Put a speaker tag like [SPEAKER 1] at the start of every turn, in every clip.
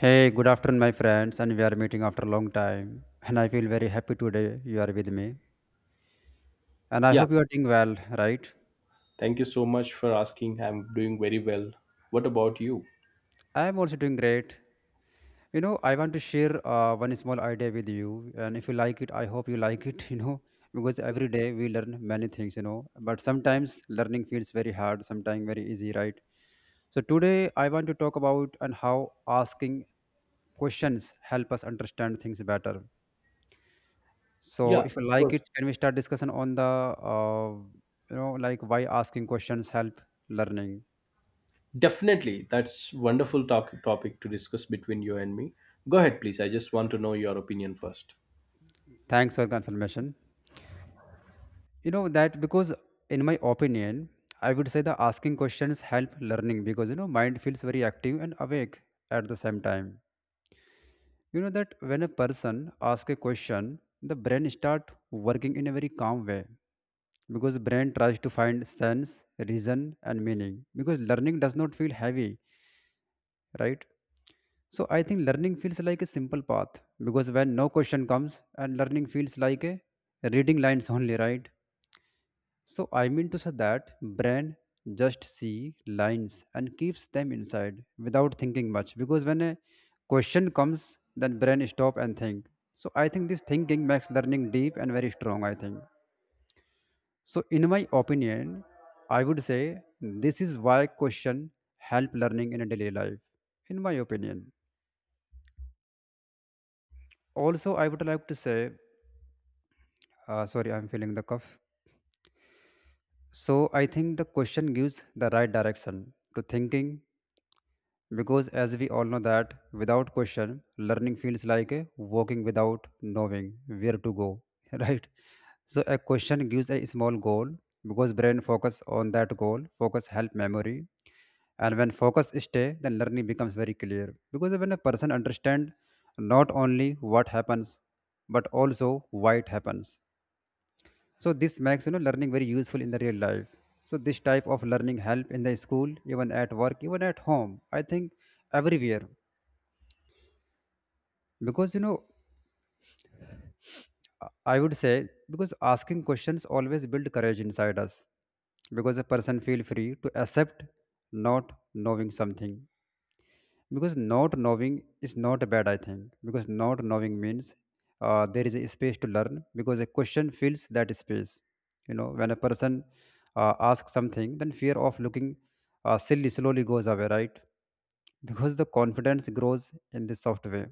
[SPEAKER 1] Hey, good afternoon, my friends, and we are meeting after a long time. And I feel very happy today you are with me. And I
[SPEAKER 2] Yeah,
[SPEAKER 1] hope you are doing well, right?
[SPEAKER 2] thank you so much for asking. I'm doing very well. What about you?
[SPEAKER 1] I am also doing great. You know, I want to share one small idea with you. And if you like it, I hope you like it, you know, because every day we learn many things, you know. But sometimes learning feels very hard, sometimes very easy, right? So today I want to talk about and how asking questions help us understand things better. So
[SPEAKER 2] Yeah, of
[SPEAKER 1] if you like
[SPEAKER 2] course.
[SPEAKER 1] it, can we start discussion on the you know, like why asking questions help learning?
[SPEAKER 2] Definitely. That's wonderful talk- topic to discuss between you and me. Go ahead, please. I just want to know your opinion first.
[SPEAKER 1] Thanks for confirmation. You know that because in my opinion, I would say the asking questions help learning because, you know, mind feels very active and awake at the same time. You know that when a person asks a question, the brain start working in a very calm way because brain tries to find sense, reason, and meaning because learning does not feel heavy, right? So I think learning feels like a simple path because when no question comes and learning feels like a reading lines only, right? So I mean to say that brain just see lines and keeps them inside without thinking much because when a question comes then brain stop and think. So I think this thinking makes learning deep and very strong I think. So in my opinion I would say this is why question help learning in a daily life in my opinion. Also I would like to say sorry, I'm feeling the cough. So I think the question gives the right direction to thinking because, as we all know, that without question, learning feels like a walking without knowing where to go, right? So a question gives a small goal because brain focus on that goal, focus help memory, and when focus stay, then learning becomes very clear because when a person understand not only what happens but also why it happens, so this makes, you know, learning very useful in the real life. So this type of learning help in the school, even at work, even at home I think, everywhere, because you know I would say because asking questions always build courage inside us because a person feel free to accept not knowing something because not knowing is not bad I think because not knowing means there is a space to learn because a question fills that space. You know, when a person asks something then fear of looking silly slowly goes away, right? Because the confidence grows in this soft way.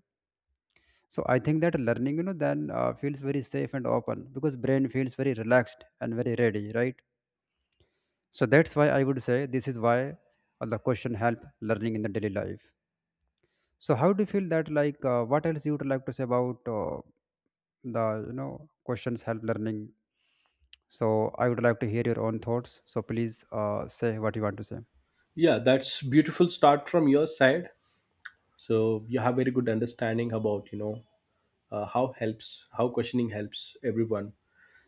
[SPEAKER 1] So I think that learning, you know, then feels very safe and open because brain feels very relaxed and very ready, right? So that's why I would say this is why the question help learning in the daily life. So how do you feel that, like what else you would like to say about the, you know, questions help learning? So I would like to hear your own thoughts. So please say what you want to say.
[SPEAKER 2] Yeah, that's beautiful start from your side. So you have very good understanding about, you know, how helps, how questioning helps everyone.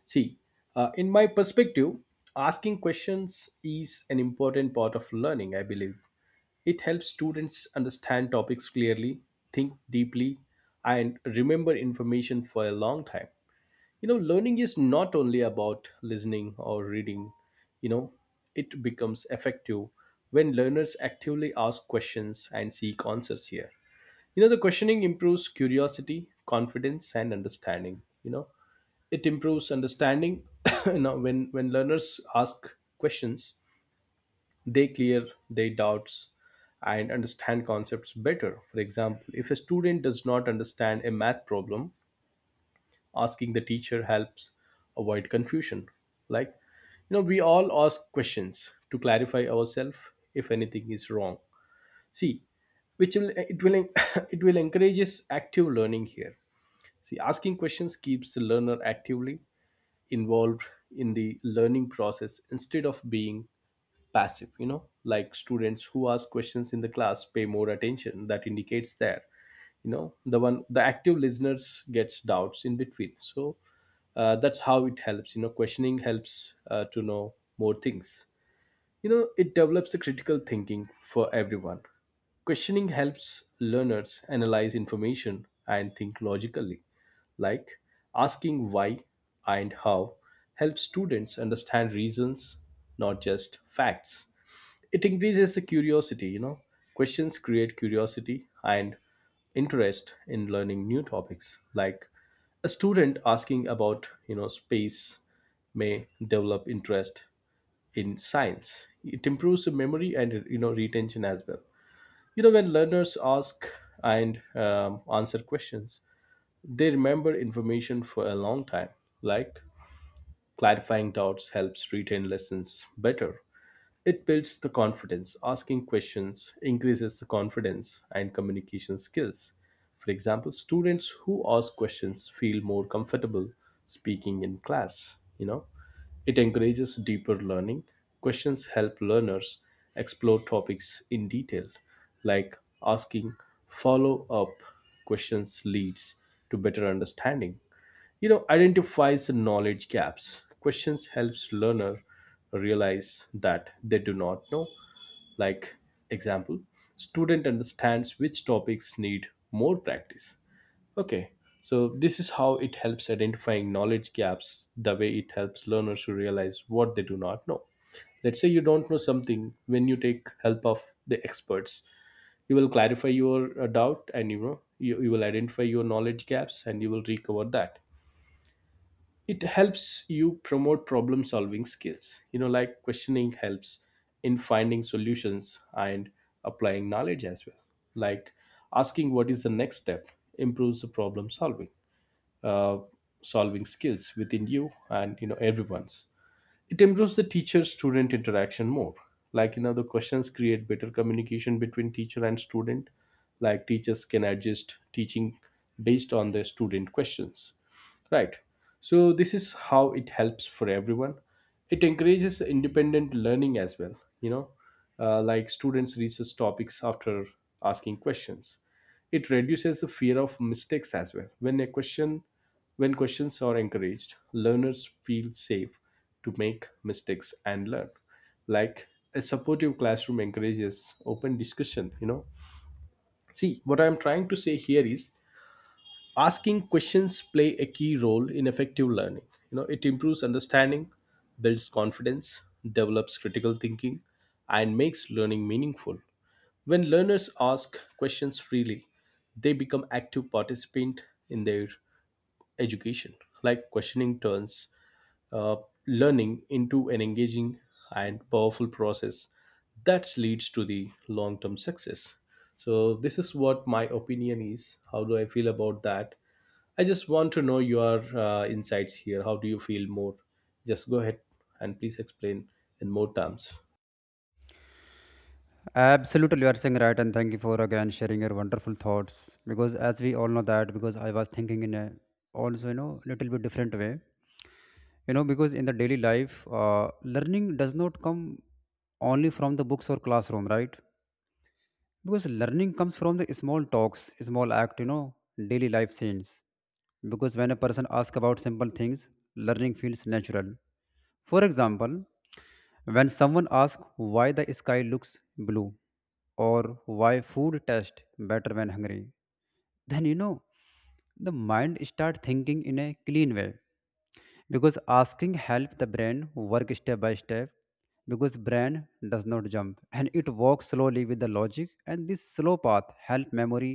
[SPEAKER 2] See, in my perspective, asking questions is an important part of learning, I believe. It helps students understand topics clearly, think deeply, and remember information for a long time. You know, learning is not only about listening or reading, you know, it becomes effective when learners actively ask questions and seek answers here. You know, the questioning improves curiosity, confidence, and understanding. You know, it improves understanding you know, when learners ask questions, they clear their doubts and understand concepts better. For example, if a student does not understand a math problem, asking the teacher helps avoid confusion. Like, you know, we all ask questions to clarify ourselves if anything is wrong. See, which will it will it will encourages active learning here. See, asking questions keeps the learner actively involved in the learning process instead of being passive, you know, like students who ask questions in the class pay more attention. That indicates there, you know, the one, the active listeners gets doubts in between. So that's how it helps, you know. Questioning helps to know more things, you know. It develops a critical thinking for everyone. Questioning helps learners analyze information and think logically, like asking why and how helps students understand reasons, not just facts. It increases the curiosity, you know, questions create curiosity and interest in learning new topics, like a student asking about, you know, space may develop interest in science. It improves the memory and, you know, retention as well. You know, when learners ask and answer questions, they remember information for a long time, like clarifying doubts helps retain lessons better. It builds the confidence. Asking questions increases the confidence and communication skills. For example, students who ask questions feel more comfortable speaking in class, you know. It encourages deeper learning. Questions help learners explore topics in detail, like asking follow-up questions leads to better understanding, you know. Identifies the knowledge gaps. Questions helps learner realize that they do not know, like example, student understands which topics need more practice. Okay, so this is how it helps identifying knowledge gaps, the way it helps learners to realize what they do not know. Let's say you don't know something. When you take help of the experts, you will clarify your doubt, and you know, you will identify your knowledge gaps and you will recover that. It helps you promote problem solving skills, you know, like questioning helps in finding solutions and applying knowledge as well, like asking what is the next step improves the problem solving, uh, solving skills within you and, you know, everyone's. It improves the teacher student interaction more. Like, you know, the questions create better communication between teacher and student. Like, teachers can adjust teaching based on the student questions. Right. So, this is how it helps for everyone. It encourages independent learning as well, you know, like students research topics after asking questions. It reduces the fear of mistakes as well. When questions are encouraged, learners feel safe to make mistakes and learn. Like a supportive classroom encourages open discussion, you know. See, what I'm trying to say here is asking questions play a key role in effective learning. You know, it improves understanding, builds confidence, develops critical thinking, and makes learning meaningful. When learners ask questions freely, they become active participant in their education, like questioning turns uh, learning into an engaging and powerful process that leads to the long term success. So this is what my opinion is, how do I feel about that. I just want to know your insights here. How do you feel more? Just go ahead and please explain in more terms.
[SPEAKER 1] Absolutely, you are saying right, and thank you for again sharing your wonderful thoughts. Because as we all know that, because I was thinking in a also, you know, little bit different way. You know, because in the daily life, learning does not come only from the books or classroom, right? Because learning comes from the small talks, small act, you know, daily life scenes, because when a person asks about simple things learning feels natural. For example, when someone asks why the sky looks blue, or why food tastes better when hungry, then, you know, the mind start thinking in a clean way because asking help the brain work step by step because brain does not jump and it walks slowly with the logic, and this slow path help memory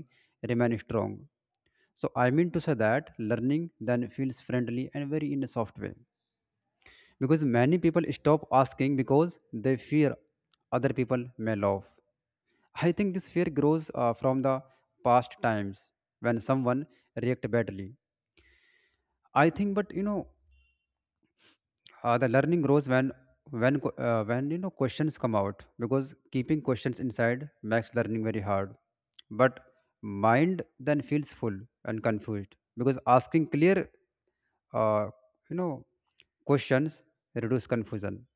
[SPEAKER 1] remain strong. So I mean to say that learning then feels friendly and very in a soft way because many people stop asking because they fear other people may laugh. I think this fear grows from the past times when someone react badly. I think, but you know, the learning grows when you know questions come out because keeping questions inside makes learning very hard. But mind then feels full and confused because asking clear, uh, you know, questions reduce confusion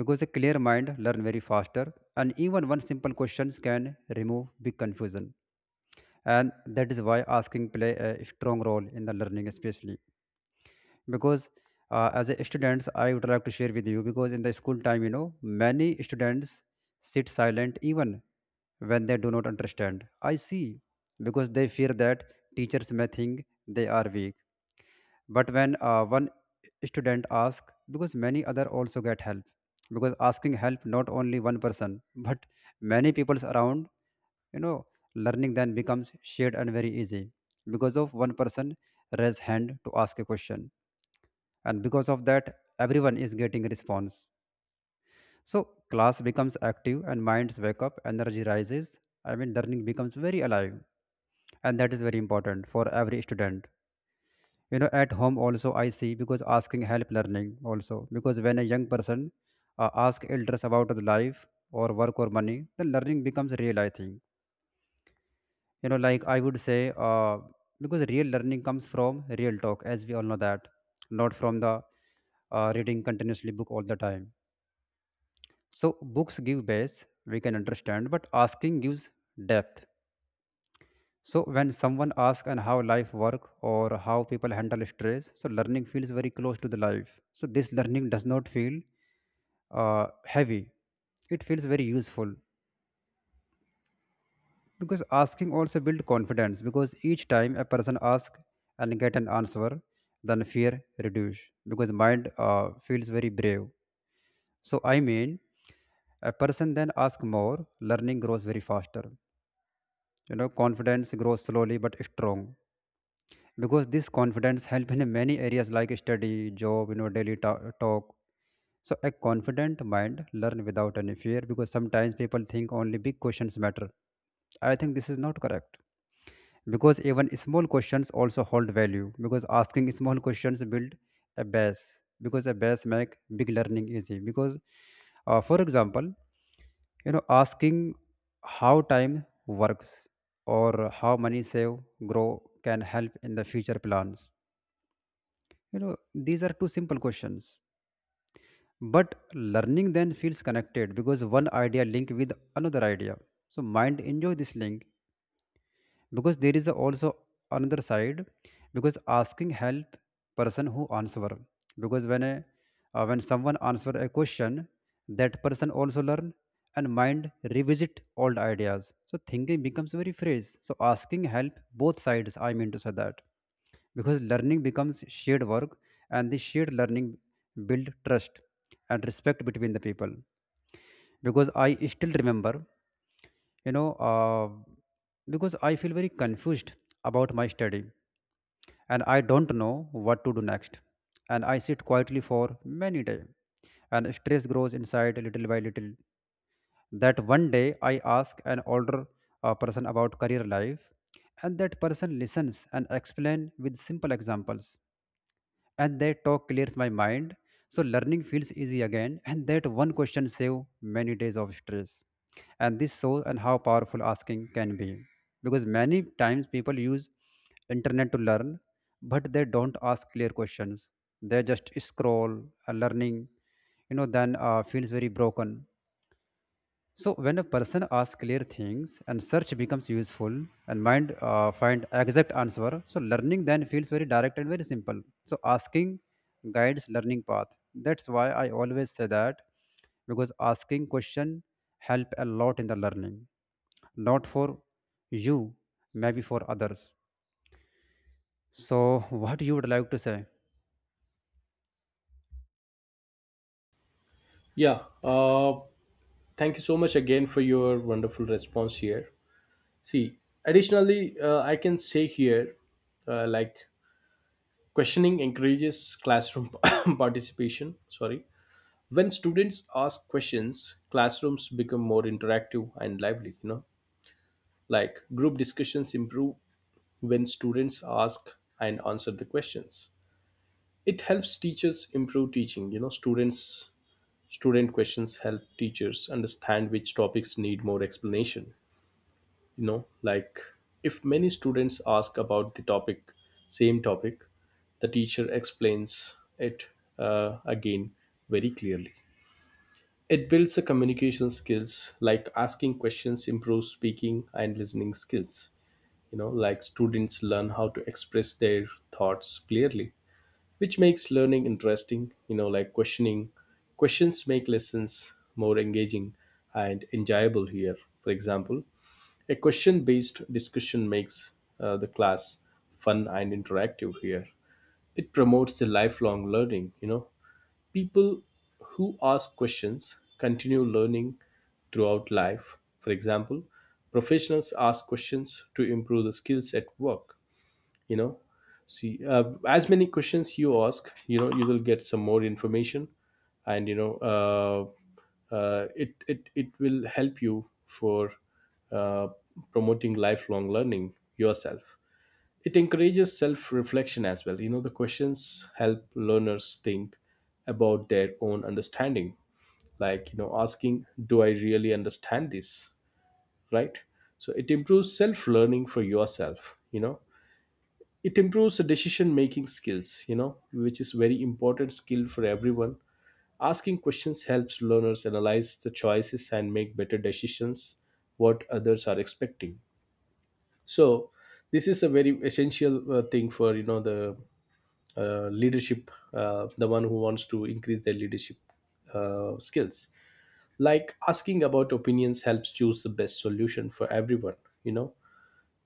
[SPEAKER 1] because a clear mind learn very faster and even one simple questions can remove big confusion, and that is why asking play a strong role in the learning, especially because as a students I would like to share with you because in the school time, you know, many students sit silent even when they do not understand I see because they fear that teachers may think they are weak. But when one student asks because many other also get help because asking help not only one person but many people's around, you know, learning then becomes shared and very easy because of one person raise hand to ask a question, and because of that everyone is getting a response. So class becomes active and minds wake up, energy rises. I mean learning becomes very alive, and that is very important for every student. You know, at home also I see because asking help learning also because when a young person ask elders about the life or work or money, the learning becomes real I think. You know, like I would say, uh, because real learning comes from real talk, as we all know that, not from the reading continuously book all the time. So books give base, we can understand, but asking gives depth. So when someone asks and how life work or how people handle stress, so learning feels very close to the life. So this learning does not feel heavy. It feels very useful because asking also build confidence because each time a person ask and get an answer, then fear reduce because mind feels very brave. So I mean, a person then ask more, learning grows very faster. You know, confidence grows slowly but strong because this confidence help in many areas like study, job, you know, daily talk. So a confident mind learn without any fear because sometimes people think only big questions matter. I think this is not correct because even small questions also hold value because asking small questions build a base because a base make big learning easy because, for example, you know, asking how time works or how money save grow can help in the future plans. You know, these are two simple questions. But learning then feels connected because one idea linked with another idea. So mind enjoy this link because there is also another side because asking help person who answer because when someone answer a question, that person also learn and mind revisit old ideas, so thinking becomes very fresh. So asking help both sides, I mean to say that because learning becomes shared work, and this shared learning build trust and respect between the people. Because I still remember, you know, because I feel very confused about my study and I don't know what to do next, and I sit quietly for many days and stress grows inside little by little. That one day I ask an older person about career life, and that person listens and explain with simple examples, and that talk clears my mind. So learning feels easy again, and that one question save many days of stress, and this shows and how powerful asking can be. Because many times people use internet to learn but they don't ask clear questions, they just scroll. Learning, you know, then feels very broken. So when a person asks clear things and search becomes useful and mind find exact answer, so learning then feels very direct and very simple. So asking guides learning path. That's why I always say that because asking question help a lot in the learning, not for you, maybe for others. So what you would like to say?
[SPEAKER 2] Yeah, thank you so much again for your wonderful response here. See, additionally I can say here, like questioning encourages classroom participation, sorry. When students ask questions, classrooms become more interactive and lively, you know, like group discussions improve when students ask and answer the questions. It helps teachers improve teaching, you know. Students, student questions help teachers understand which topics need more explanation, you know, like if many students ask about the topic, same topic, the teacher explains it again very clearly. It builds the communication skills, like asking questions improves speaking and listening skills, you know, like students learn how to express their thoughts clearly, which makes learning interesting, you know, like questioning, questions make lessons more engaging and enjoyable here. For example, a question based discussion makes the class fun and interactive here. It promotes the lifelong learning, you know. People who ask questions continue learning throughout life, for example, professionals ask questions to improve the skills at work, you know. See, as many questions you ask, you know, you will get some more information and, you know, it will help you for uh, promoting lifelong learning yourself. It encourages self reflection as well, you know. The questions help learners think about their own understanding, like, you know, asking do I really understand this, right? So it improves self learning for yourself, you know. It improves the decision making skills, you know, which is very important skill for everyone. Asking questions helps learners analyze the choices and make better decisions, what others are expecting. So this is a very essential thing for, you know, the leadership, the one who wants to increase their leadership skills, like asking about opinions helps choose the best solution for everyone, you know.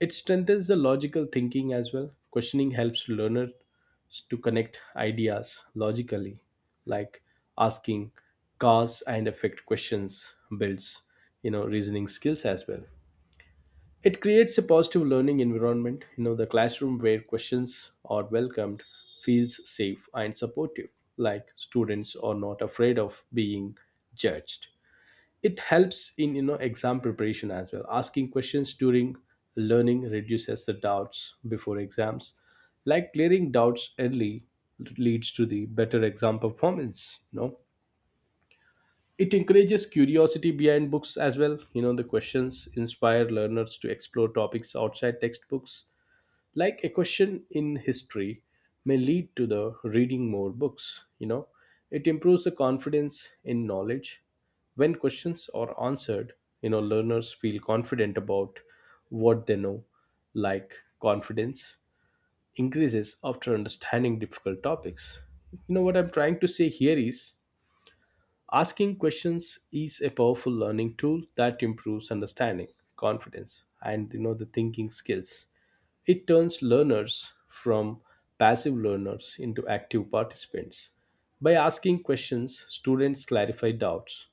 [SPEAKER 2] It strengthens the logical thinking as well. Questioning helps learners to connect ideas logically, like asking cause and effect questions builds, you know, reasoning skills as well. It creates a positive learning environment, you know. The classroom where questions are welcomed feels safe and supportive, like students are not afraid of being judged. It helps in, you know, exam preparation as well. Asking questions during learning reduces the doubts before exams, like clearing doubts early leads to the better exam performance, you know. It encourages curiosity behind books as well, you know. The questions inspire learners to explore topics outside textbooks, like a question in history may lead to the reading more books, you know. It improves the confidence in knowledge. When questions are answered, you know, learners feel confident about what they know, like confidence increases after understanding difficult topics. You know, what I'm trying to say here is asking questions is a powerful learning tool that improves understanding, confidence, and, you know, the thinking skills. It turns learners from passive learners into active participants. By asking questions, students clarify doubts,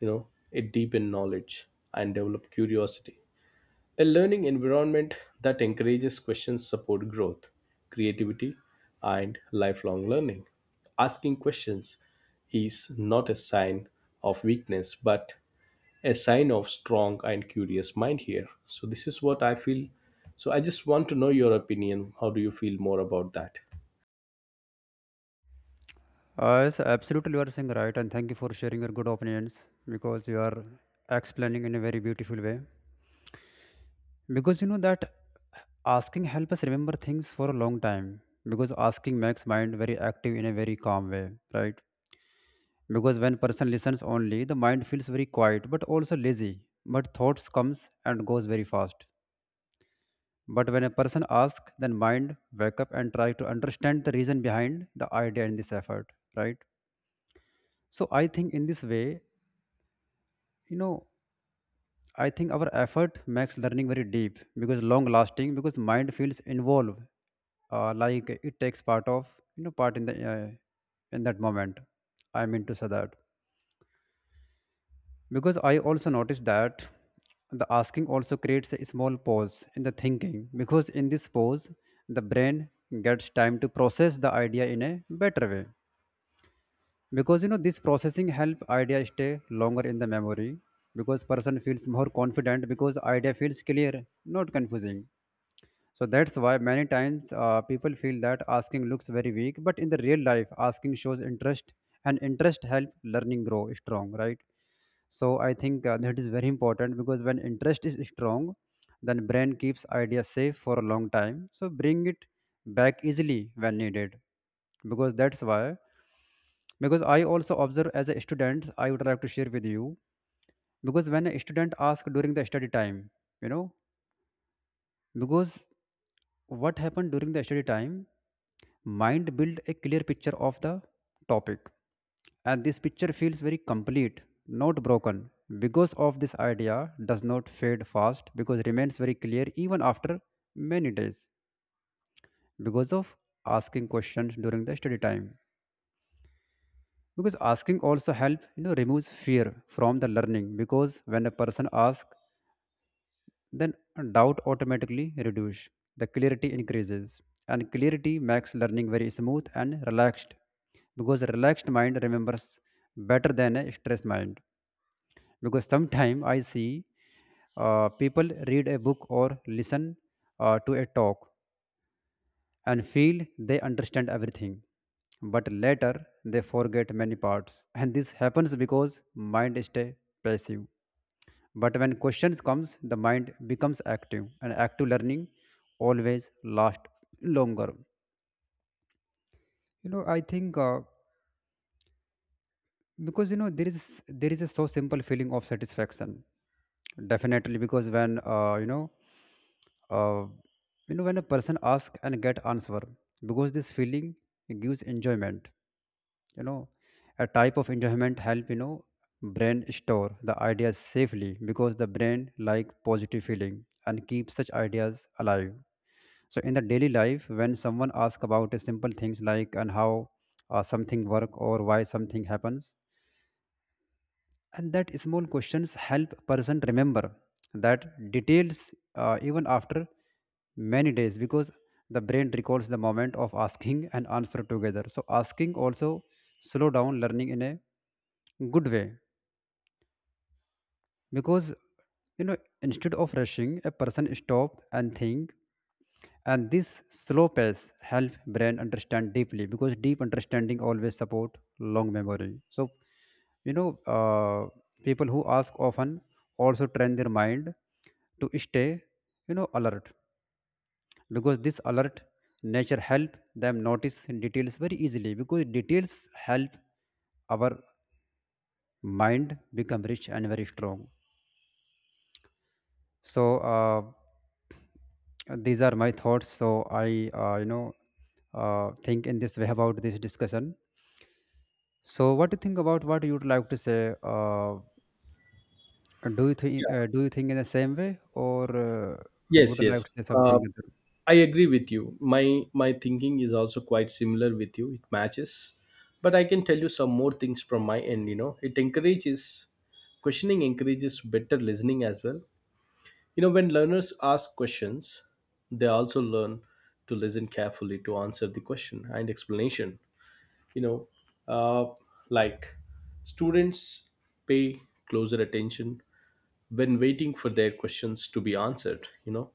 [SPEAKER 2] you know, it deepen knowledge and develop curiosity. A learning environment that encourages questions support growth, creativity, and lifelong learning. Asking questions is not a sign of weakness but a sign of strong and curious mind here. So this is what I feel. So I just want to know your opinion. How do you feel more about that?
[SPEAKER 1] Yes, absolutely you are saying right, and thank you for sharing your good opinions because you are explaining in a very beautiful way. Because you know that asking help us remember things for a long time because asking makes mind very active in a very calm way, right? Because when person listens only, the mind feels very quiet but also lazy, but thoughts comes and goes very fast. But when a person asks, then mind wake up and try to understand the reason behind the idea and this effort, right? So I think in this way, you know I think our effort makes learning very deep because long lasting, because mind feels involved, like it takes part of, part in the in that moment. I mean to say that because I also noticed that the asking also creates a small pause in the thinking, because in this pause the brain gets time to process the idea in a better way, because this processing help idea stay longer in the memory, because person feels more confident because idea feels clear, not confusing. So that's why many times people feel that asking looks very weak, but in the real life, asking shows interest, and interest help learning grow strong, right? So I think that is very important, because when interest is strong, then brain keeps ideas safe for a long time. So bring it back easily when needed, because that's why, because I also observe. As a student, I would like to share with you, because when a student asks during the study time, you know because what happened during the study time, mind built a clear picture of the topic, and this picture feels very complete, not broken. Because of this, idea does not fade fast because remains very clear even after many days, because of asking questions during the study time. Because asking also help removes fear from the learning, because when a person asks, then doubt automatically reduces. The clarity increases, and clarity makes learning very smooth and relaxed, because a relaxed mind remembers better than a stressed mind. Because sometimes I see people read a book or listen to a talk and feel they understand everything, but later they forget many parts, and this happens because mind stay passive. But when questions comes, the mind becomes active, and active learning always last longer. You know, I think because there is a so simple feeling of satisfaction, definitely, because when uh, when a person asks and get answer, because this feeling gives enjoyment, you know a type of enjoyment help brain store the ideas safely, because the brain like positive feeling and keep such ideas alive. So in the daily life, when someone asks about a simple things, like and how something work or why something happens, and that small questions help person remember that details even after many days, because the brain recalls the moment of asking and answer together. So asking also slow down learning in a good way, because you know instead of rushing, a person stop and think, and this slow pace help brain understand deeply, because deep understanding always support long memory. So you know uh, people who ask often also train their mind to stay, alert, because this alert nature help them notice details very easily, because details help our mind become rich and very strong. So these are my thoughts, so I uh, you know think in this way about this discussion. So what do you think about? What you would like to say? uh, do you think
[SPEAKER 2] Yeah.
[SPEAKER 1] uh, do you think in the same way, or uh, would
[SPEAKER 2] Yes,
[SPEAKER 1] you like to
[SPEAKER 2] yes.
[SPEAKER 1] say something other?
[SPEAKER 2] I agree with you. My thinking is also quite similar with you. It matches. But I can tell you some more things from my end, you know. It encourages, questioning encourages better listening as well. You know, when learners ask questions, they also learn to listen carefully to answer the question and explanation, you know. uh, like students pay closer attention when waiting for their questions to be answered, you know.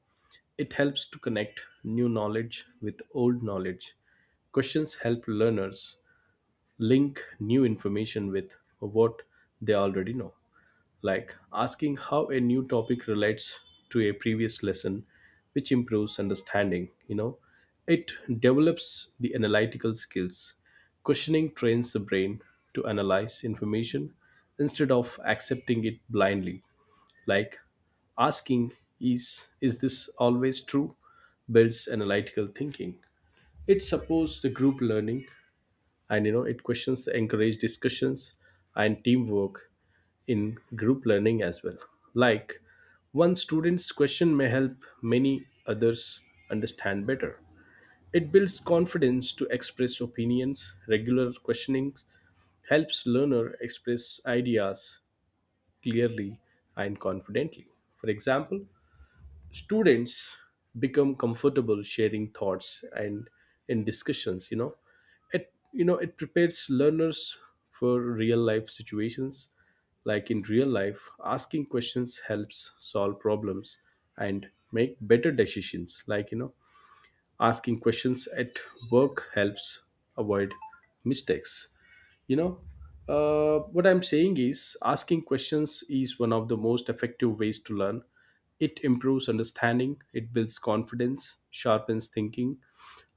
[SPEAKER 2] It helps to connect new knowledge with old knowledge. Questions help learners link new information with what they already know, like asking how a new topic relates to a previous lesson, which improves understanding. You know, it develops the analytical skills. Questioning trains the brain to analyze information instead of accepting it blindly, like asking is this always true builds analytical thinking. It supports the group learning and, you know, it, questions encourage discussions and teamwork in group learning as well, like one student's question may help many others understand better. It builds confidence to express opinions. Regular questionings helps learner express ideas clearly and confidently. For example, students become comfortable sharing thoughts and in discussions, you know. It, you know, it prepares learners for real life situations, like in real life asking questions helps solve problems and make better decisions, like, you know, asking questions at work helps avoid mistakes, you know. What I'm saying is asking questions is one of the most effective ways to learn. It improves understanding, it builds confidence, sharpens thinking,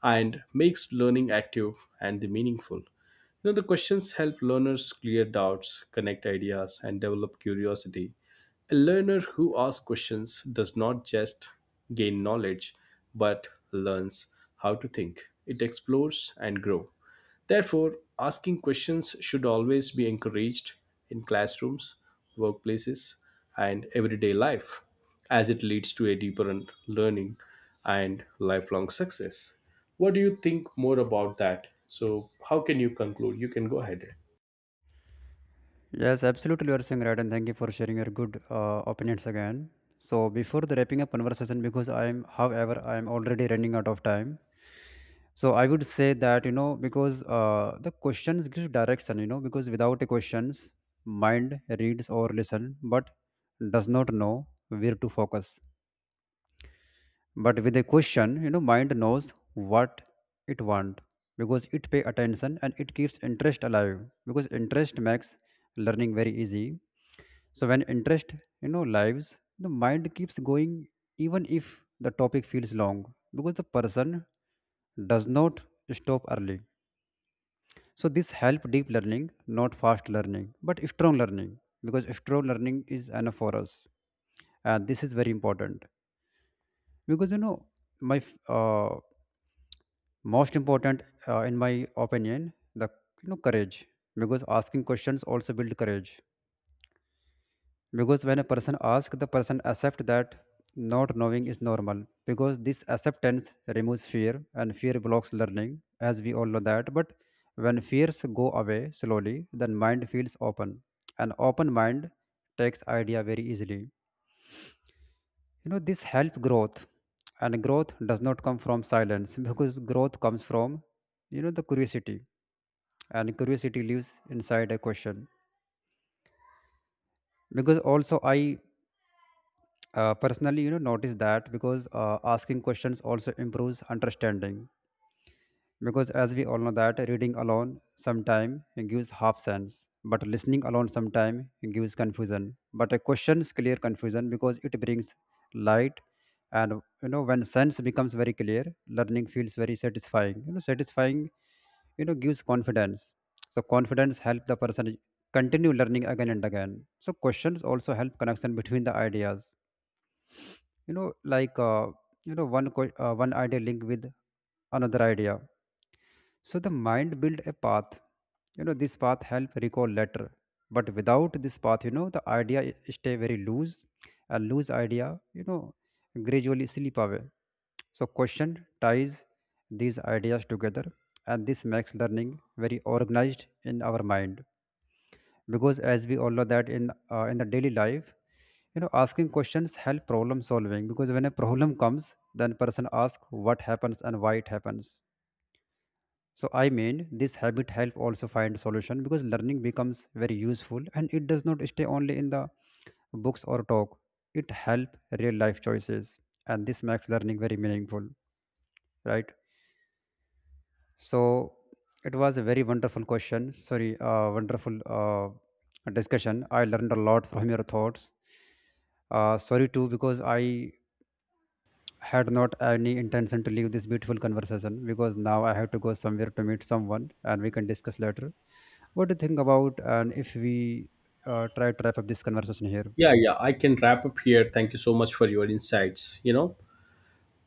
[SPEAKER 2] and makes learning active and the meaningful. You know, the questions help learners clear doubts, connect ideas, and develop curiosity. A learner who asks questions does not just gain knowledge but learns how to think, it explores and grows. Therefore, asking questions should always be encouraged in classrooms, workplaces, and everyday life, as it leads to a deeper un- learning and lifelong success. What do you think more about that? So, how can you conclude? You can go ahead.
[SPEAKER 1] Yes, absolutely, you are saying right, and thank you for sharing your good opinions again. So before the wrapping up conversation, because I am however I am already running out of time. So I would say that, you know, because the questions give direction. You know, because without a questions, mind reads or listen but does not know where to focus. But with a question, you know, mind knows what it want, because it pay attention and it keeps interest alive, because interest makes learning very easy. So when interest, you know, lives, the mind keeps going even if the topic feels long, because the person does not stop early. So this help deep learning, not fast learning, but strong learning, because strong learning is enough for us, and this is very important. Because my f- uh, most important in my opinion, the, courage, because asking questions also build courage. Because when a person asks, the person accept that not knowing is normal. Because this acceptance removes fear, and fear blocks learning, as we all know that. But when fears go away slowly, then mind feels open. An open mind takes idea very easily. You know, this help growth, and growth does not come from silence because growth comes from, the curiosity, and curiosity lives inside a question. Because also I personally, you know, notice that because asking questions also improves understanding, because as we all know that reading alone sometime gives half sense, but listening alone sometime gives confusion, but a questions clear confusion because it brings light. And you know, when sense becomes very clear, learning feels very satisfying. You know, satisfying, gives confidence. So confidence help the person continue learning again and again. So questions also help connection between the ideas, you know like one idea linked with another idea, so the mind build a path. You know, this path help recall later, but without this path, the idea stay very loose, and loose idea, you know gradually slip away. So question ties these ideas together, and this makes learning very organized in our mind. Because as we all know that, in the daily life, asking questions help problem solving, because when a problem comes, then person ask what happens and why it happens. So I mean, this habit help also find solution, because learning becomes very useful, and it does not stay only in the books or talk. It help real life choices, and this makes learning very meaningful, right? So it was a very wonderful question. Sorry, wonderful discussion. I learned a lot from your thoughts. Sorry too, because I had not any intention to leave this beautiful conversation, because now I have to go somewhere to meet someone and we can discuss later. What do you think about? And if we try to wrap up this conversation here?
[SPEAKER 2] Yeah, yeah, I can wrap up here. Thank you so much for your insights. You know,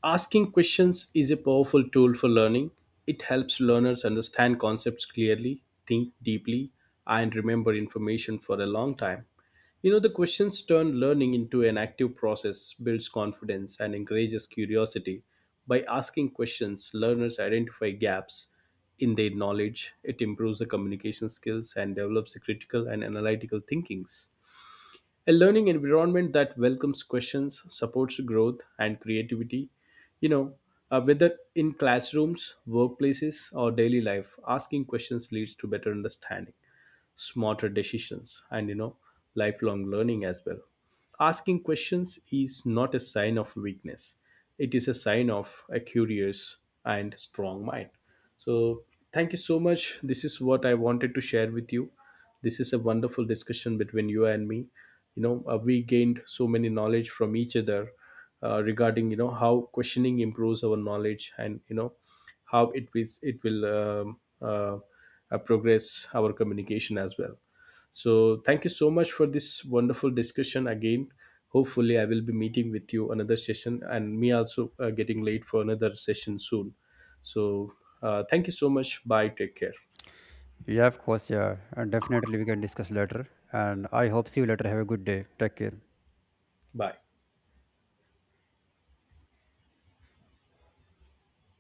[SPEAKER 2] asking questions is a powerful tool for learning. It helps learners understand concepts clearly, think deeply, and remember information for a long time. You know, the questions turn learning into an active process, builds confidence, and encourages curiosity. By asking questions, learners identify gaps in their knowledge. It improves the communication skills and develops the critical and analytical thinkings. A learning environment that welcomes questions, supports growth and creativity, you know, whether in classrooms, workplaces, or daily life, asking questions leads to better understanding, smarter decisions, and, you know, lifelong learning as well. Asking questions is not a sign of weakness, it is a sign of a curious and strong mind. So thank you so much, this is what I wanted to share with you. This is a wonderful discussion between you and me. You know, we gained so many knowledge from each other regarding, you know, how questioning improves our knowledge and, you know, how it is, it will progress our communication as well. So thank you so much for this wonderful discussion again. Hopefully I will be meeting with you another session, and me also getting late for another session soon. So thank you so much, bye, take care.
[SPEAKER 1] Yeah, of course, yeah. And definitely we can discuss later. And I hope see you later. Have a good day. Take care.
[SPEAKER 2] Bye.